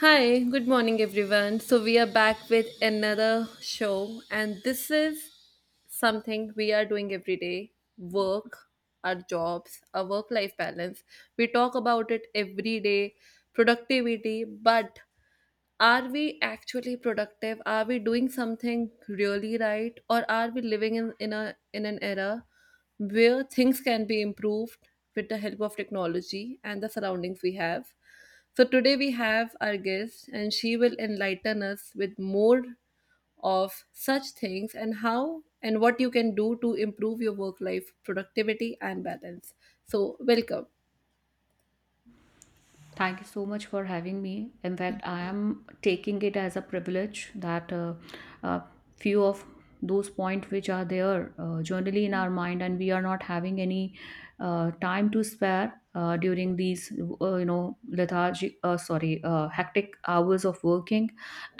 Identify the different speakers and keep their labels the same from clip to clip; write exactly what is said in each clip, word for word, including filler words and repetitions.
Speaker 1: Hi, good morning everyone. So we are back with another show, and this is something we are doing every day. Work, our jobs, our work life balance. We talk about it every day, productivity, but are we actually productive? Are we doing something really right, or are we living in, in a in an era where things can be improved with the help of technology and the surroundings we have? So today we have our guest, and she will enlighten us with more of such things and how and what you can do to improve your work life productivity and balance. So welcome.
Speaker 2: Thank you so much for having me. In fact, I am taking it as a privilege that uh, uh, few of those points which are there, uh, generally in our mind, and we are not having any uh, time to spare uh, during these, uh, you know, lethargic, uh, sorry, uh, hectic hours of working,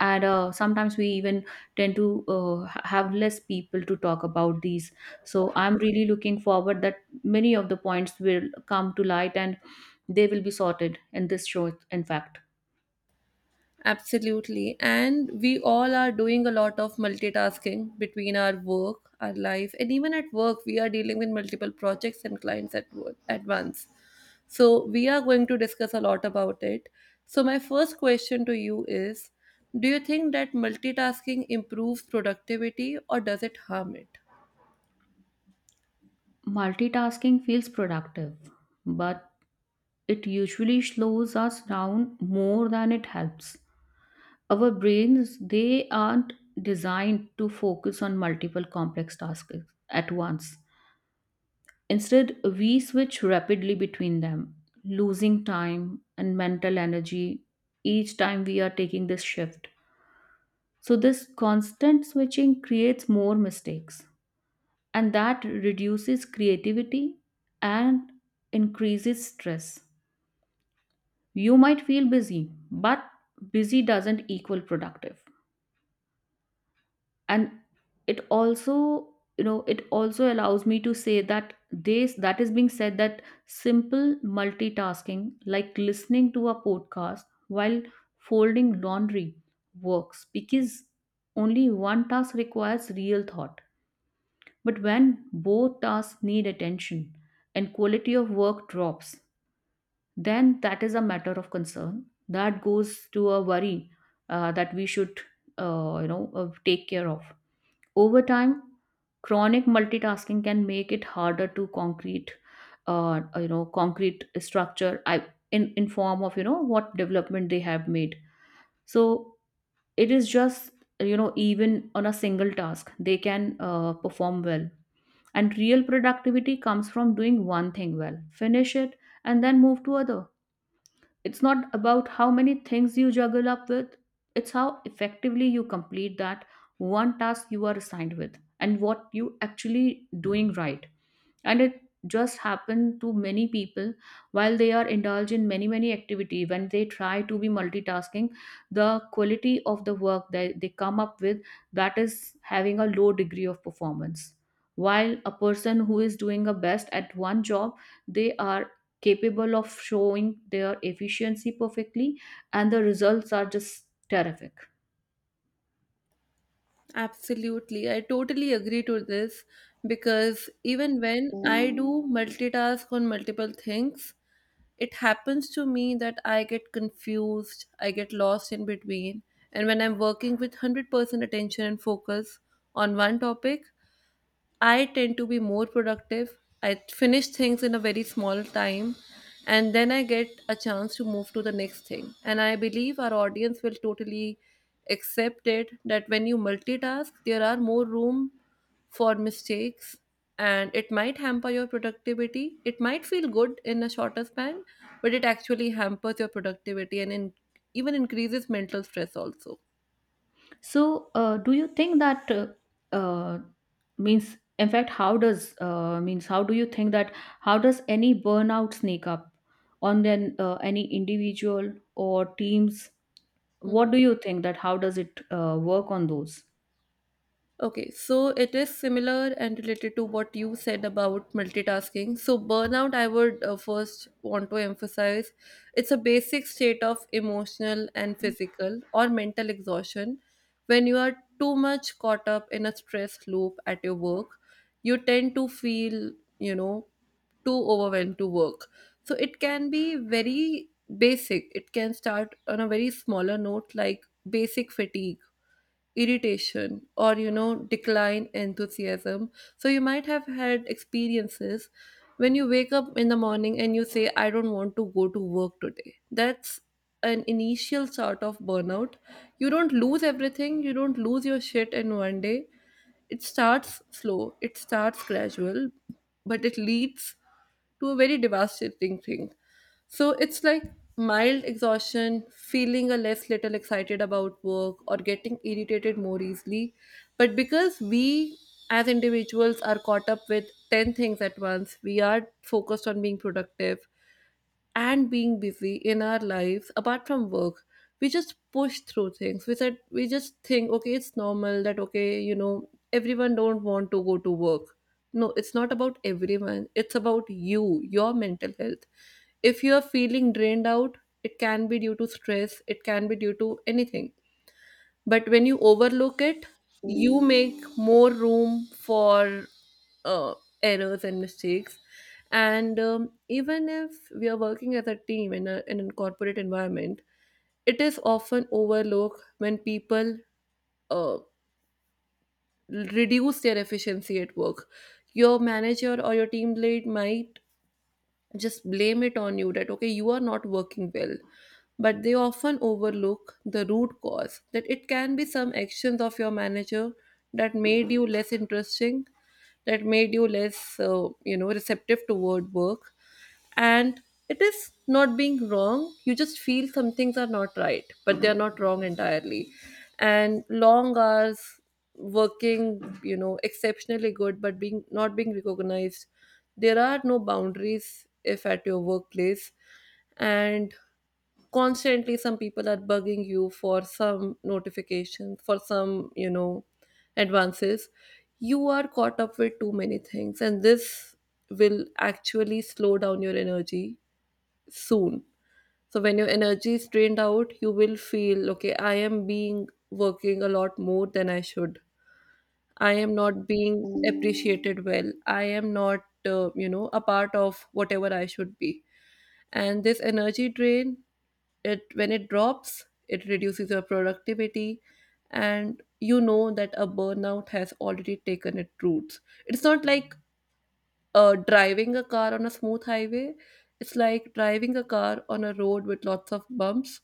Speaker 2: and uh, sometimes we even tend to uh, ha- have less people to talk about these. So I'm really looking forward that many of the points will come to light and they will be sorted, and this shows, in fact.
Speaker 1: Absolutely. And we all are doing a lot of multitasking between our work, our life, and even at work, we are dealing with multiple projects and clients at, wo- at once. So, we are going to discuss a lot about it. So, my first question to you is, do you think that multitasking improves productivity, or does it harm it?
Speaker 2: Multitasking feels productive, but it usually slows us down more than it helps. Our brains, they aren't designed to focus on multiple complex tasks at once. Instead, we switch rapidly between them, losing time and mental energy each time we are taking this shift. So this constant switching creates more mistakes and that reduces creativity and increases stress. You might feel busy, but busy doesn't equal productive. And it also, you know, it also allows me to say that this that is being said that simple multitasking, like listening to a podcast while folding laundry, works because only one task requires real thought. But when both tasks need attention and quality of work drops, then that is a matter of concern. That goes to a worry uh, that we should, uh, you know, uh, take care of. Over time, chronic multitasking can make it harder to concrete, uh, you know, concrete structure I, in in form of, you know, what development they have made. So it is just, you know, even on a single task they can uh, perform well, and real productivity comes from doing one thing well, finish it and then move to other. It's not about how many things you juggle up with, it's how effectively you complete that one task you are assigned with and what you actually doing, right? And it just happen to many people while they are indulged in many many activity when they try to be multitasking, the quality of the work that they come up with, that is having a low degree of performance, while a person who is doing a best at one job, they are capable of showing their efficiency perfectly, and the results are just terrific.
Speaker 1: Absolutely. I totally agree to this, because even when I do multitask on multiple things, it happens to me that I get confused, I get lost in between. And when I'm working with a hundred percent attention and focus on one topic, I tend to be more productive. I finish things in a very small time, and then I get a chance to move to the next thing. And I believe our audience will totally accept it that when you multitask, there are more room for mistakes, and it might hamper your productivity. It might feel good in a shorter span, but it actually hampers your productivity and in, even increases mental stress also.
Speaker 2: So, uh, do you think that uh, uh, means, in fact, how does uh, means how do you think that how does any burnout sneak up on then uh, any individual or teams? What
Speaker 1: Hmm.
Speaker 2: do you think that how does it uh, work on those?
Speaker 1: Okay, so it is similar and related to what you said about multitasking. So, burnout, I would uh, first want to emphasize, it's a basic state of emotional and physical or mental exhaustion. When you are too much caught up in a stress loop at your work, you tend to feel, you know, too overwhelmed to work. So, it can be very basic. It can start on a very smaller note, like basic fatigue, irritation, or you know, decline enthusiasm. So you might have had experiences when you wake up in the morning and you say, I don't want to go to work today. That's an initial sort of burnout. You don't lose everything, you don't lose your shit in one day. It starts slow, it starts gradual, but it leads to a very devastating thing. So it's like mild exhaustion, feeling a less little excited about work, or getting irritated more easily. But because we as individuals are caught up with ten things at once, we are focused on being productive and being busy in our lives apart from work. We just push through things, we said, we just think, okay, it's normal that, okay, you know, everyone don't want to go to work. No, it's not about everyone, it's about you, your mental health. If you are feeling drained out, it can be due to stress, it can be due to anything. But when you overlook it, you make more room for uh, errors and mistakes. And um, even if we are working as a team in, a, in a corporate environment, it is often overlooked when people uh, reduce their efficiency at work. Your manager or your team lead might just blame it on you that, okay, you are not working well. But they often overlook the root cause, that it can be some actions of your manager that made you less interesting, that made you less, uh, you know, receptive toward work. And it is not being wrong. You just feel some things are not right, but they are not wrong entirely. And long hours, working you know exceptionally good, but being not being recognized, there are no boundaries if at your workplace, and constantly some people are bugging you for some notifications, for some, you know, advances. You are caught up with too many things, and this will actually slow down your energy soon. So when your energy is drained out, you will feel, okay, I am being working a lot more than I should. I am not being appreciated well. I am not, uh, you know, a part of whatever I should be. And this energy drain, it when it drops, it reduces your productivity, and you know that a burnout has already taken its roots. It's not like uh, driving a car on a smooth highway. It's like driving a car on a road with lots of bumps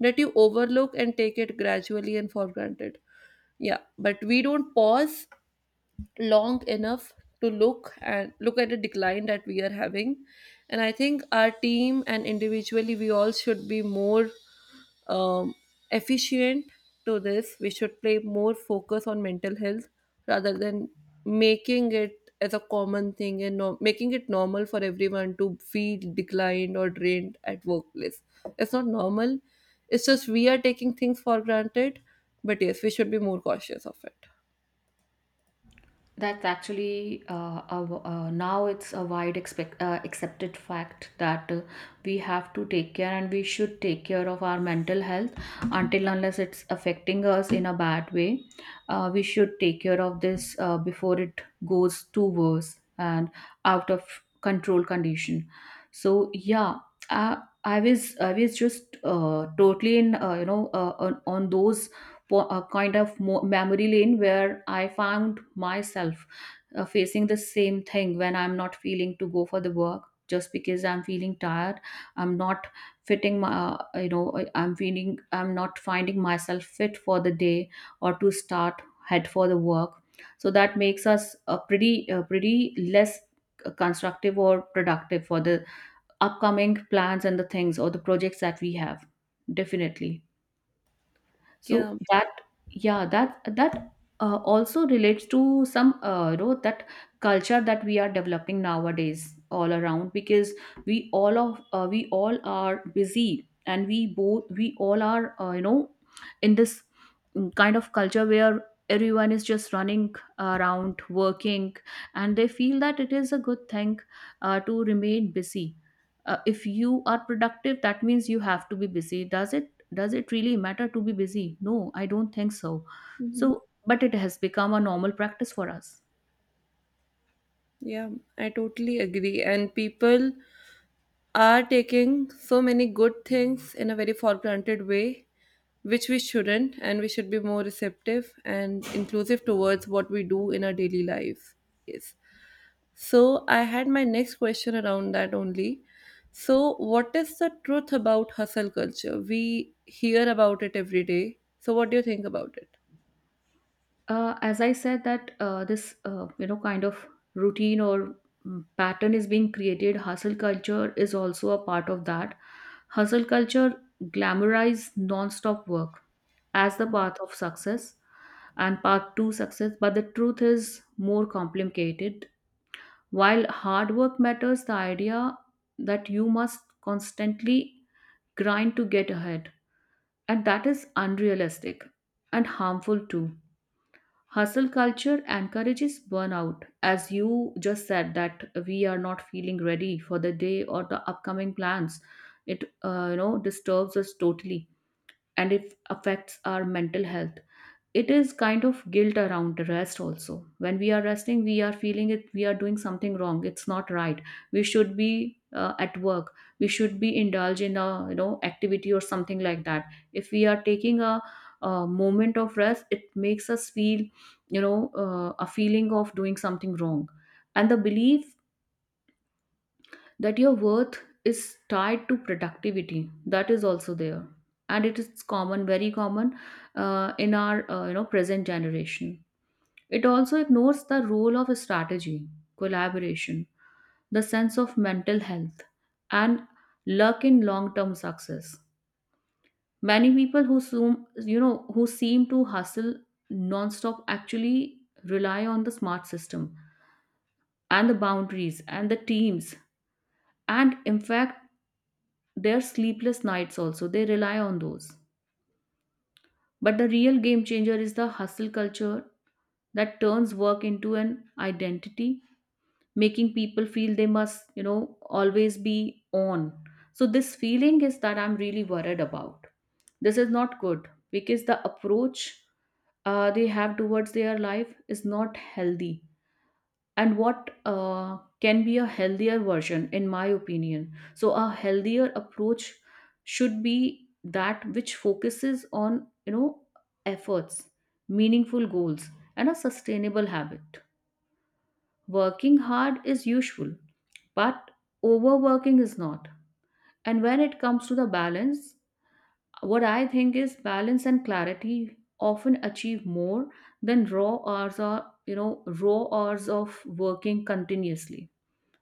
Speaker 1: that you overlook and take it gradually and for granted. Yeah, but we don't pause long enough to look and look at the decline that we are having. And I think our team and individually we all should be more um, efficient to this. We should play more focus on mental health rather than making it as a common thing, and no- making it normal for everyone to feel declined or drained at workplace. It's not normal, it's just we are taking things for granted. But yes, we should be more cautious of it.
Speaker 2: That's actually uh, a w uh, now it's a wide expect, uh, accepted fact that uh, we have to take care and we should take care of our mental health until unless it's affecting us in a bad way. Uh, we should take care of this uh, before it goes too worse and out of control condition. So yeah, I, I was I was just uh, totally in, uh, you know uh, on, on those po- a kind of mo- memory lane where I found myself uh, facing the same thing when I'm not feeling to go for the work just because I'm feeling tired. I'm not fitting my, uh, you know, I- I'm feeling, I'm not finding myself fit for the day or to start head for the work. So that makes us a pretty, uh pretty less constructive or productive for the upcoming plans and the things or the projects that we have. Definitely
Speaker 1: Yeah.
Speaker 2: so that yeah that that uh, also relates to some, uh, you know, that culture that we are developing nowadays all around because we all of uh, we all are busy and we both we all are, uh, you know, in this mm, kind of culture where everyone is just running around working and they feel that it is a good thing uh, to remain busy. Uh, if you are productive, that means you have to be busy. Does it, does it really matter to be busy? No, I don't think so. So, but it has become a normal practice for us.
Speaker 1: Yeah, I totally agree. And people are taking so many good things in a very for granted way, which we shouldn't, and we should be more receptive and inclusive towards what we do in our daily lives. Yes. So I had my next question around that only. So, what is the truth about hustle culture? We hear about it every day. So, what do you think about it?
Speaker 2: Uh, as I said, that uh, this, uh, you know, kind of routine or mm, pattern is being created. Hustle culture is also a part of that. Hustle culture glamorizes non-stop work as the path of success and path to success, but the truth is more complicated. While hard work matters, the idea that you must constantly grind to get ahead. And that is unrealistic and harmful too. Hustle culture encourages burnout, as you just said that we are not feeling ready for the day or the upcoming plans. It, uh, you know, disturbs us totally, and it affects our mental health. It is kind of guilt around rest also. When we are resting, we are feeling it we are doing something wrong, it's not right. We should be uh, at work, we should be indulge in a, you know, activity or something like that. If we are taking a, a moment of rest, it makes us feel, you know, uh, a feeling of doing something wrong. And the belief that your worth is tied to productivity, that is also there, and it is common, very common, uh, in our, uh, you know, present generation. It also ignores the role of strategy, collaboration, the sense of mental health, and luck in long-term success. Many people who seem, you know, who seem to hustle non-stop actually rely on the smart system and the boundaries and the teams, and in fact, their sleepless nights also they rely on those. But the real game changer is the hustle culture that turns work into an identity, making people feel they must, you know, always be on. So this feeling is that I'm really worried about. This is not good because the approach uh, they have towards their life is not healthy. And what uh, can be a healthier version, in my opinion, so a healthier approach should be that which focuses on, you know, efforts, meaningful goals, and a sustainable habit. Working hard is useful, but overworking is not. And when it comes to the balance, what I think is balance and clarity often achieve more than raw hours or, you know, raw hours of working continuously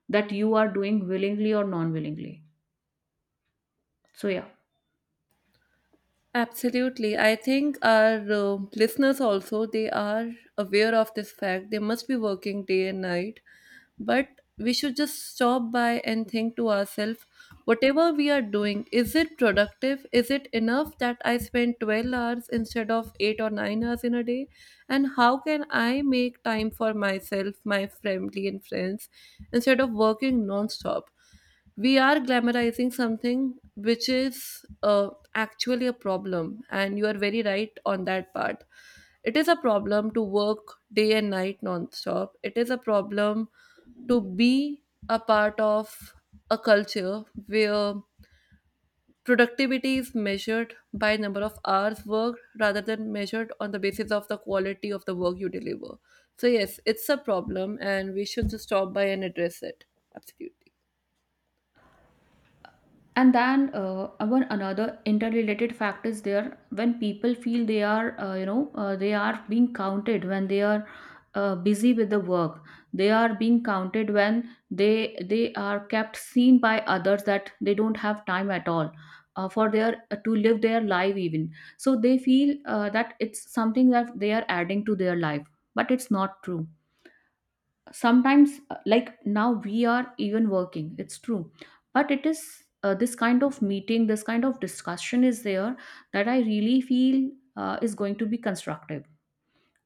Speaker 2: that you are doing willingly or non willingly. So yeah.
Speaker 1: Absolutely. I think our uh, listeners also, they are aware of this fact. They must be working day and night. But we should just stop by and think to ourselves, whatever we are doing, is it productive? Is it enough that I spend twelve hours instead of eight or nine hours in a day? And how can I make time for myself, my family and friends instead of working non-stop? We are glamorizing something which is, uh, actually a problem, and you are very right on that part. It is a problem to work day and night non-stop. It is a problem to be a part of a culture where productivity is measured by number of hours worked rather than measured on the basis of the quality of the work you deliver. So yes, it's a problem, and we should just stop by and address it. Absolutely.
Speaker 2: And then uh, one another interrelated fact is there. When people feel they are, uh, you know uh, they are being counted when they are uh, busy with the work, they are being counted when they they are kept seen by others that they don't have time at all uh, for their uh, to live their life even. So they feel uh, that it's something that they are adding to their life, but it's not true. Sometimes uh, like now we are even working, it's true, but it is, uh, this kind of meeting, this kind of discussion is there that I really feel uh, is going to be constructive.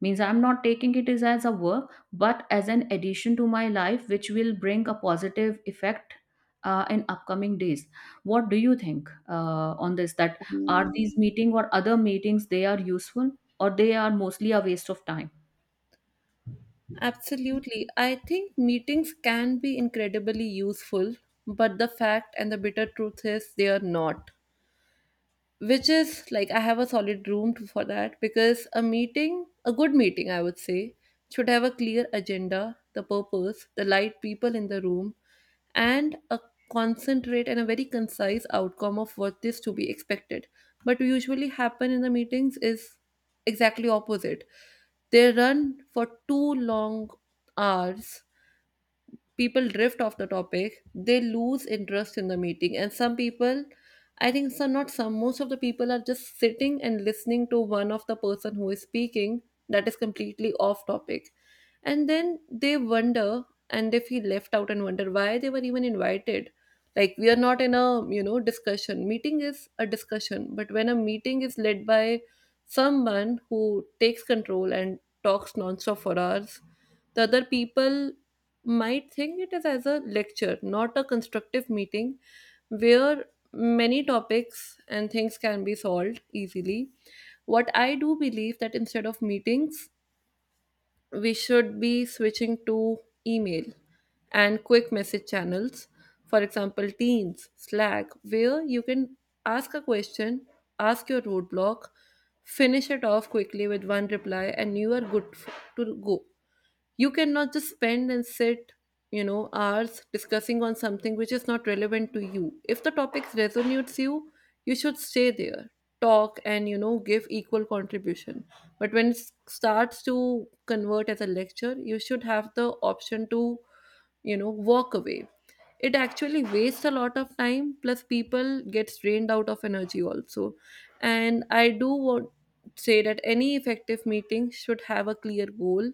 Speaker 2: Means I'm not taking it as, as a work, but as an addition to my life which will bring a positive effect uh, in upcoming days. What do you think uh, on this that are these meeting or other meetings, they are useful or they are mostly a waste of time?
Speaker 1: Absolutely. I think meetings can be incredibly useful, but the fact and the bitter truth is they are not. Which is like, I have a solid room to, for that, because a meeting, a good meeting, I would say, should have a clear agenda, the purpose, the right people in the room, and a concentrate and a very concise outcome of what is to be expected. But usually happen in the meetings is exactly opposite. They run for two long hours. People drift off the topic, they lose interest in the meeting. And some people, I think some not some, most of the people are just sitting and listening to one of the person who is speaking that is completely off topic. And then they wonder, and they feel left out and wonder why they were even invited. Like, we are not in a, you know, discussion. Meeting is a discussion, but when a meeting is led by someone who takes control and talks nonstop for hours, the other people might think it is as a lecture, not a constructive meeting where many topics and things can be solved easily. What I do believe, that instead of meetings, we should be switching to email and quick message channels, for example, Teams, Slack, where you can ask a question, ask your roadblock, finish it off quickly with one reply, and you are good f- to go. You cannot just spend and sit, you know, hours discussing on something which is not relevant to you. If the topic resonates you, you should stay there, talk, and you know, give equal contribution. But when it starts to convert as a lecture, you should have the option to, you know, walk away. It actually wastes a lot of time, plus people gets drained out of energy also. And I do want say that any effective meeting should have a clear goal.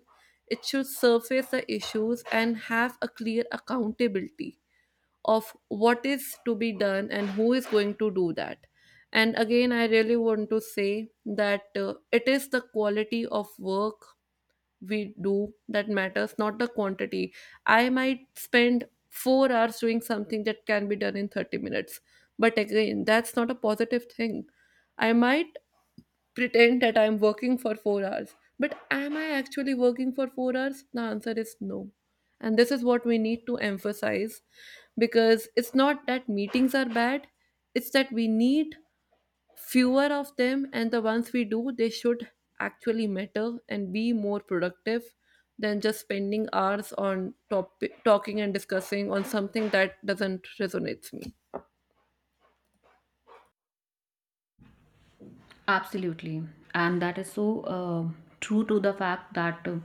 Speaker 1: It should surface the issues and have a clear accountability of what is to be done and who is going to do that. And again, I really want to say that, uh, it is the quality of work we do that matters, not the quantity. I might spend four hours doing something that can be done in thirty minutes. But again, that's not a positive thing. I might pretend that I'm working for four hours, but am I actually working for four hours? The answer is no. And this is what we need to emphasize, because it's not that meetings are bad, it's that we need fewer of them and the ones we do they should actually matter and be more productive than just spending hours on top- talking and discussing on something that doesn't resonate with me.
Speaker 2: Absolutely. And that is so uh, true to the fact that uh,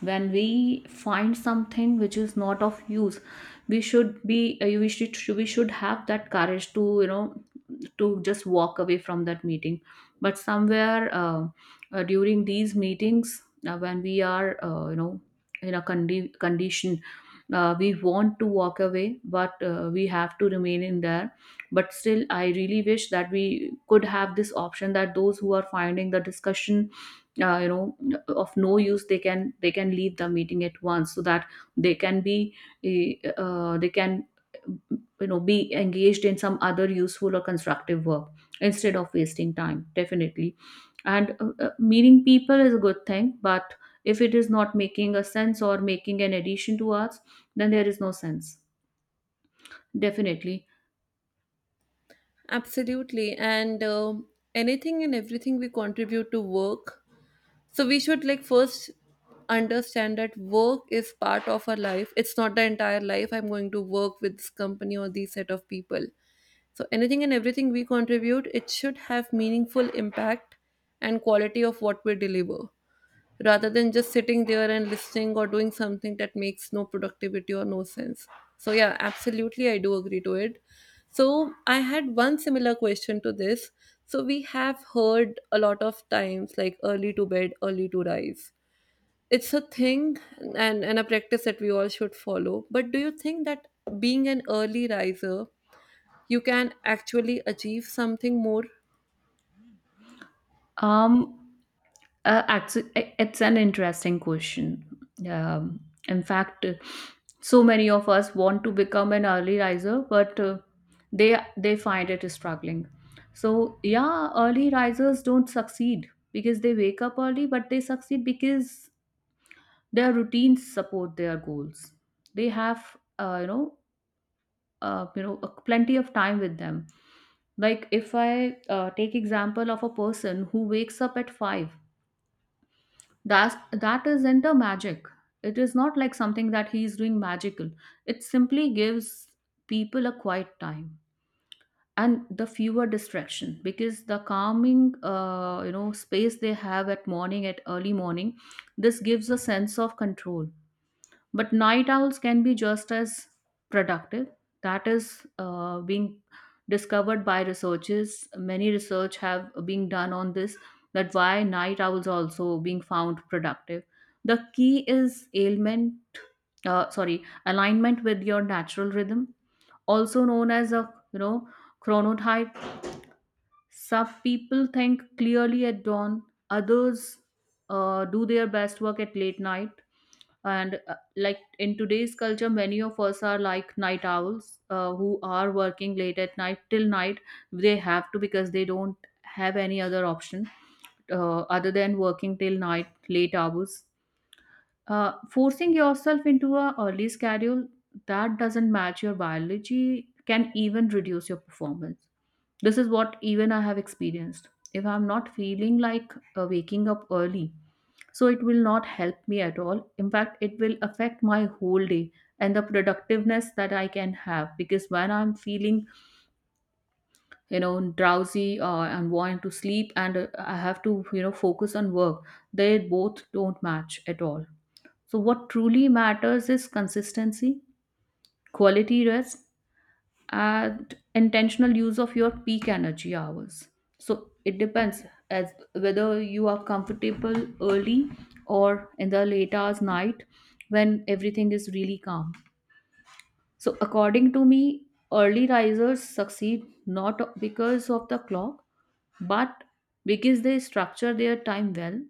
Speaker 2: when we find something which is not of use, we should be uh, we should we should have that courage to, you know, to just walk away from that meeting. But somewhere uh, uh, during these meetings, uh, when we are, uh, you know, in a condi- condition, uh, we want to walk away, but uh, we have to remain in there. But still I really wish that we could have this option that those who are finding the discussion, uh, you know, of no use, they can, they can leave the meeting at once so that they can be eh, uh, they can, you know, be engaged in some other useful or constructive work instead of wasting time. Definitely. And uh, uh, meeting people is a good thing, but if it is not making a sense or making an addition to us, then there is no sense. Definitely.
Speaker 1: Absolutely. And um, anything and everything we contribute to work, so we should, like, first understand that work is part of our life. It's not the entire life. I'm going to work with this company or these set of people. So anything and everything we contribute, it should have meaningful impact and quality of what we deliver, rather than just sitting there and listening or doing something that makes no productivity or no sense. So yeah, absolutely, I do agree to it. So I had one similar question to this. So we have heard a lot of times, like, early to bed, early to rise. It's a thing and, and a practice that we all should follow. But do you think that being an early riser you can actually achieve something more?
Speaker 2: Um, uh, Actually, it's an interesting question. Um, in fact, uh, so many of us want to become an early riser, but uh, they they find it struggling. So yeah, early risers don't succeed because they wake up early, but they succeed because their routines support their goals. They have uh, you know uh, you know, plenty of time with them. Like if I uh, take example of a person who wakes up at five, that that isn't a magic. It is not like something that he is doing magical. It simply gives people a quiet time and the fewer distraction because the calming uh, you know space they have at morning at early morning, this gives a sense of control. But night owls can be just as productive. That is uh, being discovered by researchers. Many research have been done on this, that why night owls also being found productive. The key is ailment uh, sorry alignment with your natural rhythm, also known as a you know chronotype. Some people think clearly at dawn, others uh, do their best work at late night. And uh, like in today's culture, many of us are like night owls, uh, who are working late at night till night. They have to because they don't have any other option uh, other than working till night late hours. Uh, forcing yourself into a early schedule that doesn't match your biology can even reduce your performance. This is what even I have experienced. If I'm not feeling like uh, waking up early, so it will not help me at all. In fact, it will affect my whole day and the productiveness that I can have, because when I'm feeling, you know, drowsy, or I'm wanting to sleep, and uh, I have to, you know, focus on work, they both don't match at all. So what truly matters is consistency, quality rest, and intentional use of your peak energy hours. So it depends as whether you are comfortable early or in the late hours night when everything is really calm. So according to me, early risers succeed not because of the clock, but because they structure their time well.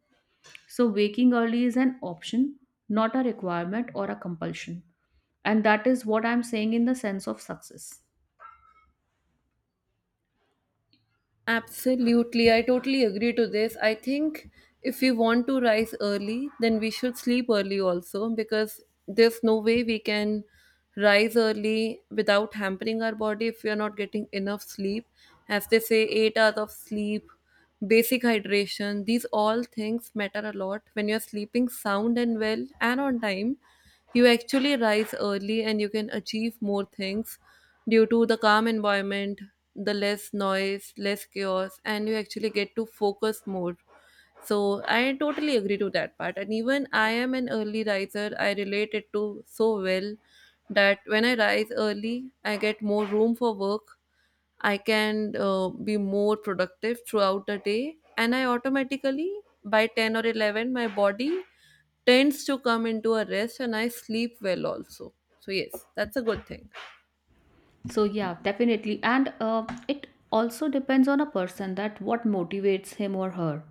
Speaker 2: So waking early is an option, not a requirement or a compulsion. And that is what I'm saying in the sense of success.
Speaker 1: Absolutely, I totally agree to this. I think if we want to rise early, then we should sleep early also, because there's no way we can rise early without hampering our body if we are not getting enough sleep. As they say, eight hours of sleep, basic hydration, these all things matter a lot. When you're sleeping sound and well and on time, you actually rise early and you can achieve more things due to the calm environment, the less noise, less chaos, and you actually get to focus more. So I totally agree to that part. And even I am an early riser, I relate it to so well that when I rise early, I get more room for work. I can uh, be more productive throughout the day, and I automatically by ten or eleven, my body tends to come into a rest and I sleep well also. So, yes, that's a good thing.
Speaker 2: So yeah, definitely, and uh, it also depends on a person that what motivates him or her.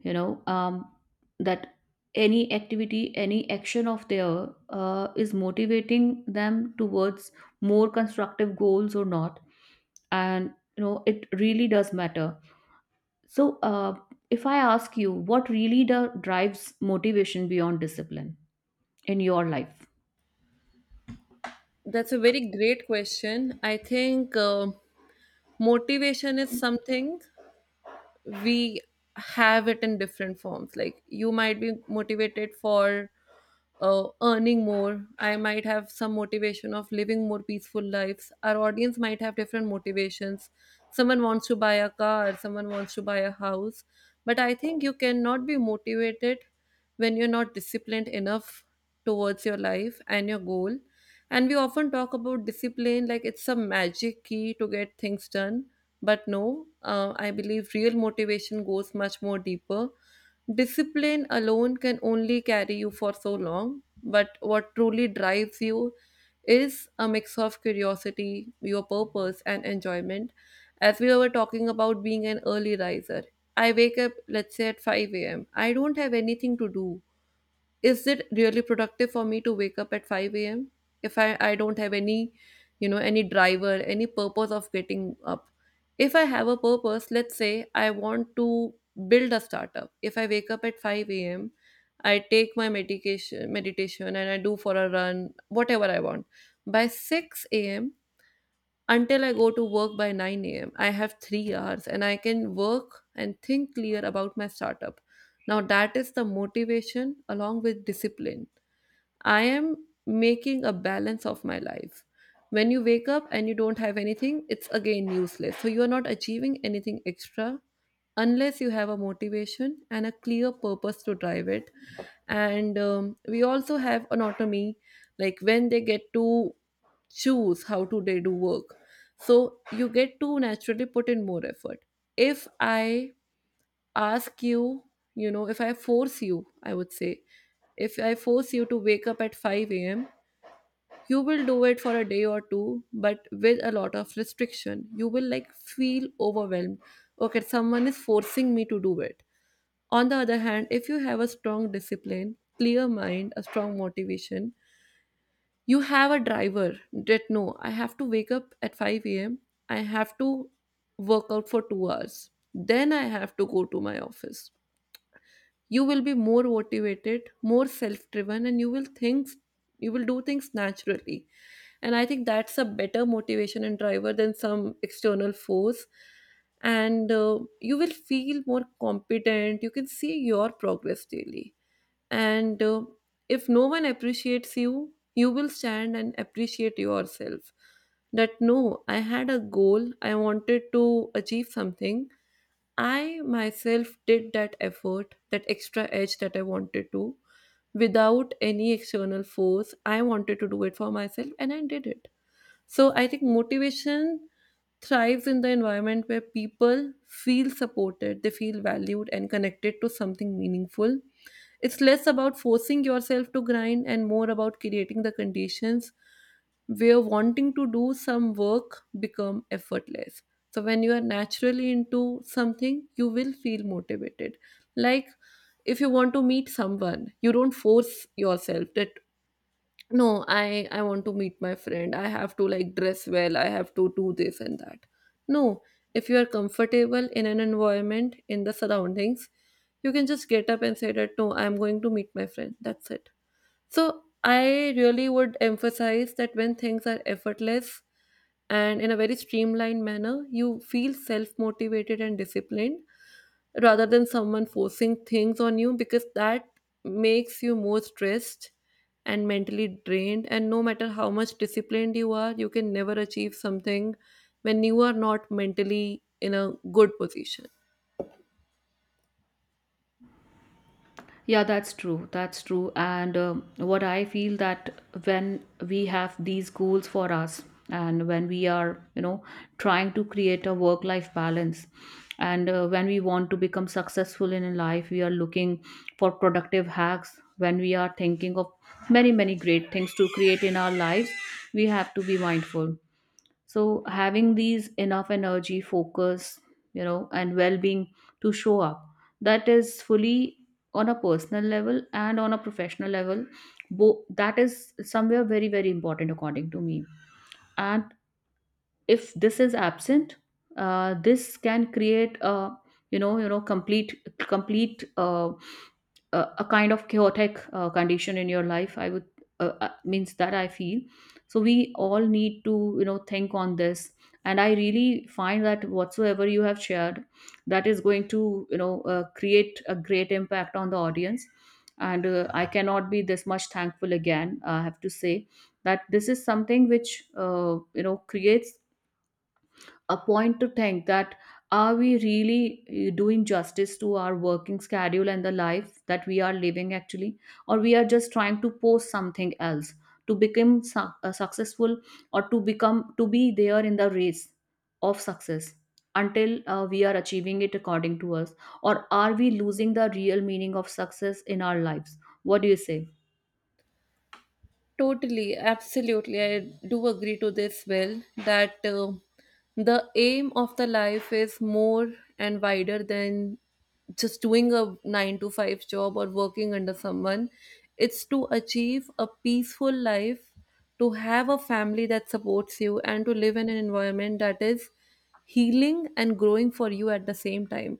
Speaker 2: You know, um, that any activity, any action of their uh, is motivating them towards more constructive goals or not, and you know it really does matter. So uh, if I ask you, what really the drives motivation beyond discipline in your life?
Speaker 1: That's a very great question. I think uh, motivation is something we have it in different forms. Like, you might be motivated for uh, earning more, I might have some motivation of living more peaceful lives, our audience might have different motivations. Someone wants to buy a car, someone wants to buy a house. But I think you cannot be motivated when you're not disciplined enough towards your life and your goal. And we often talk about discipline like it's a magic key to get things done. But no, uh, I believe real motivation goes much more deeper. Discipline alone can only carry you for so long, but what truly drives you is a mix of curiosity, your purpose, and enjoyment. As we were talking about being an early riser, I wake up, let's say, at five a m. I don't have anything to do. Is it really productive for me to wake up at five a m if i i don't have any, you know, any driver, any purpose of getting up? If I have a purpose, let's say I want to build a startup, if I wake up at five a m, I take my medication, meditation, and I do for a run whatever I want by six a m. Until I go to work by nine a m, I have three hours and I can work and think clear about my startup. Now, that is the motivation along with discipline. I am making a balance of my life. When you wake up and you don't have anything, it's again useless. So, you are not achieving anything extra unless you have a motivation and a clear purpose to drive it. And um, we also have autonomy, like when they get to choose how to they do work, so you get to naturally put in more effort. If I ask you, you know, if I force you, I would say, if I force you to wake up at five a m, you will do it for a day or two, but with a lot of restriction, you will, like, feel overwhelmed. Okay, someone is forcing me to do it. On the other hand, if you have a strong discipline, clear mind, a strong motivation, you have a driver that no, I have to wake up at five a m, I have to work out for two hours, then I have to go to my office. You will be more motivated, more self-driven, and you will think, you will do things naturally. And I think that's a better motivation and driver than some external force. And uh, you will feel more competent, you can see your progress daily. And uh, if no one appreciates you, you will stand and appreciate yourself, that no, I had a goal, I wanted to achieve something. I myself did that effort, that extra edge that I wanted to, without any external force, I wanted to do it for myself and I did it. So I think motivation thrives in the environment where people feel supported, they feel valued and connected to something meaningful. It's less about forcing yourself to grind and more about creating the conditions where wanting to do some work become effortless. So when you are naturally into something, you will feel motivated. Like, if you want to meet someone, you don't force yourself that no, i i want to meet my friend, I have to, like, dress well, I have to do this and that. No, if you are comfortable in an environment, in the surroundings, you can just get up and say that no, I'm going to meet my friend, that's it. So I really would emphasize that when things are effortless and in a very streamlined manner, you feel self motivated and disciplined rather than someone forcing things on you, because that makes you more stressed and mentally drained. And no matter how much disciplined you are, you can never achieve something when you are not mentally in a good position.
Speaker 2: Yeah, that's true. That's true. And um, what I feel that when we have these goals for us, and when we are, you know, trying to create a work life balance, and uh, when we want to become successful in life, we are looking for productive hacks. When we are thinking of many, many great things to create in our lives, we have to be mindful. So having these enough energy, focus, you know, and well-being to show up, that is fully on a personal level and on a professional level. Bo- that is somewhere very, very important according to me. And if this is absent, uh, this can create a you know, you know, complete, complete uh, a a kind of chaotic uh, condition in your life, I would uh, uh, means that I feel. So we all need to, you know, think on this. And I really find that whatsoever you have shared, that is going to, you know, uh, create a great impact on the audience. And uh, I cannot be this much thankful. Again, I have to say that this is something which uh, you know creates a point to think that, are we really eh, doing justice to our working schedule and the life that we are living actually, or we are just trying to post something else to become su- uh, successful, or to become to be there in the race of success until uh, we are achieving it according to us, or are we losing the real meaning of success in our lives? What do you say?
Speaker 1: Totally, absolutely. I do agree to this, Will, that uh, the aim of the life is more and wider than just doing a nine to five job or working under someone. It's to achieve a peaceful life, to have a family that supports you, and to live in an environment that is healing and growing for you at the same time.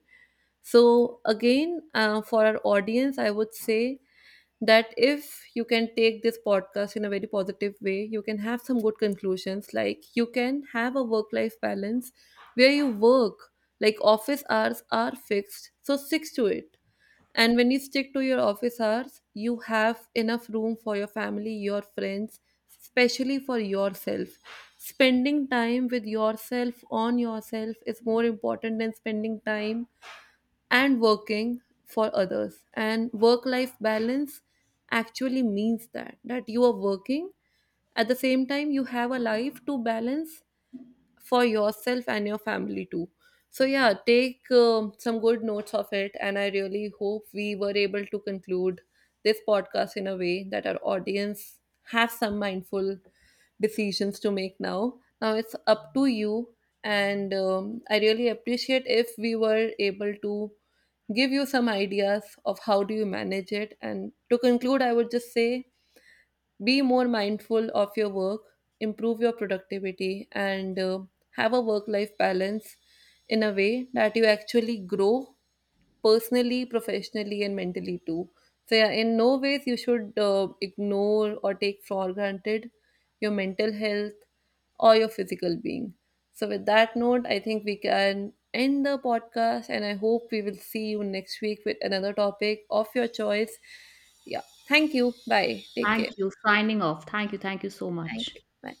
Speaker 1: So, again, uh, for our audience, I would say that if you can take this podcast in a very positive way, you can have some good conclusions. Like, you can have a work life balance where you work, like, office hours are fixed, so stick to it. And when you stick to your office hours, you have enough room for your family, your friends, especially for yourself. Spending time with yourself, on yourself, is more important than spending time and working for others. And work life balance actually means that that you are working, at the same time you have a life to balance for yourself and your family too. So, yeah, take um some good notes of it. And I really hope we were able to conclude this podcast in a way that our audience have some mindful decisions to make now. Now it's up to you. And um, I really appreciate if we were able to give you some ideas of how do you manage it. And to conclude, I would just say be more mindful of your work, improve your productivity, and uh, have a work life balance in a way that you actually grow personally, professionally, and mentally too. So, yeah, in no ways you should uh, ignore or take for granted your mental health or your physical being. So, with that note, I think we can end the podcast, and I hope we will see you next week with another topic of your choice. Yeah, thank you. Bye. Take
Speaker 2: Thank
Speaker 1: care.
Speaker 2: you, signing off. Thank you, thank you so
Speaker 1: Thank
Speaker 2: much.
Speaker 1: you. Bye.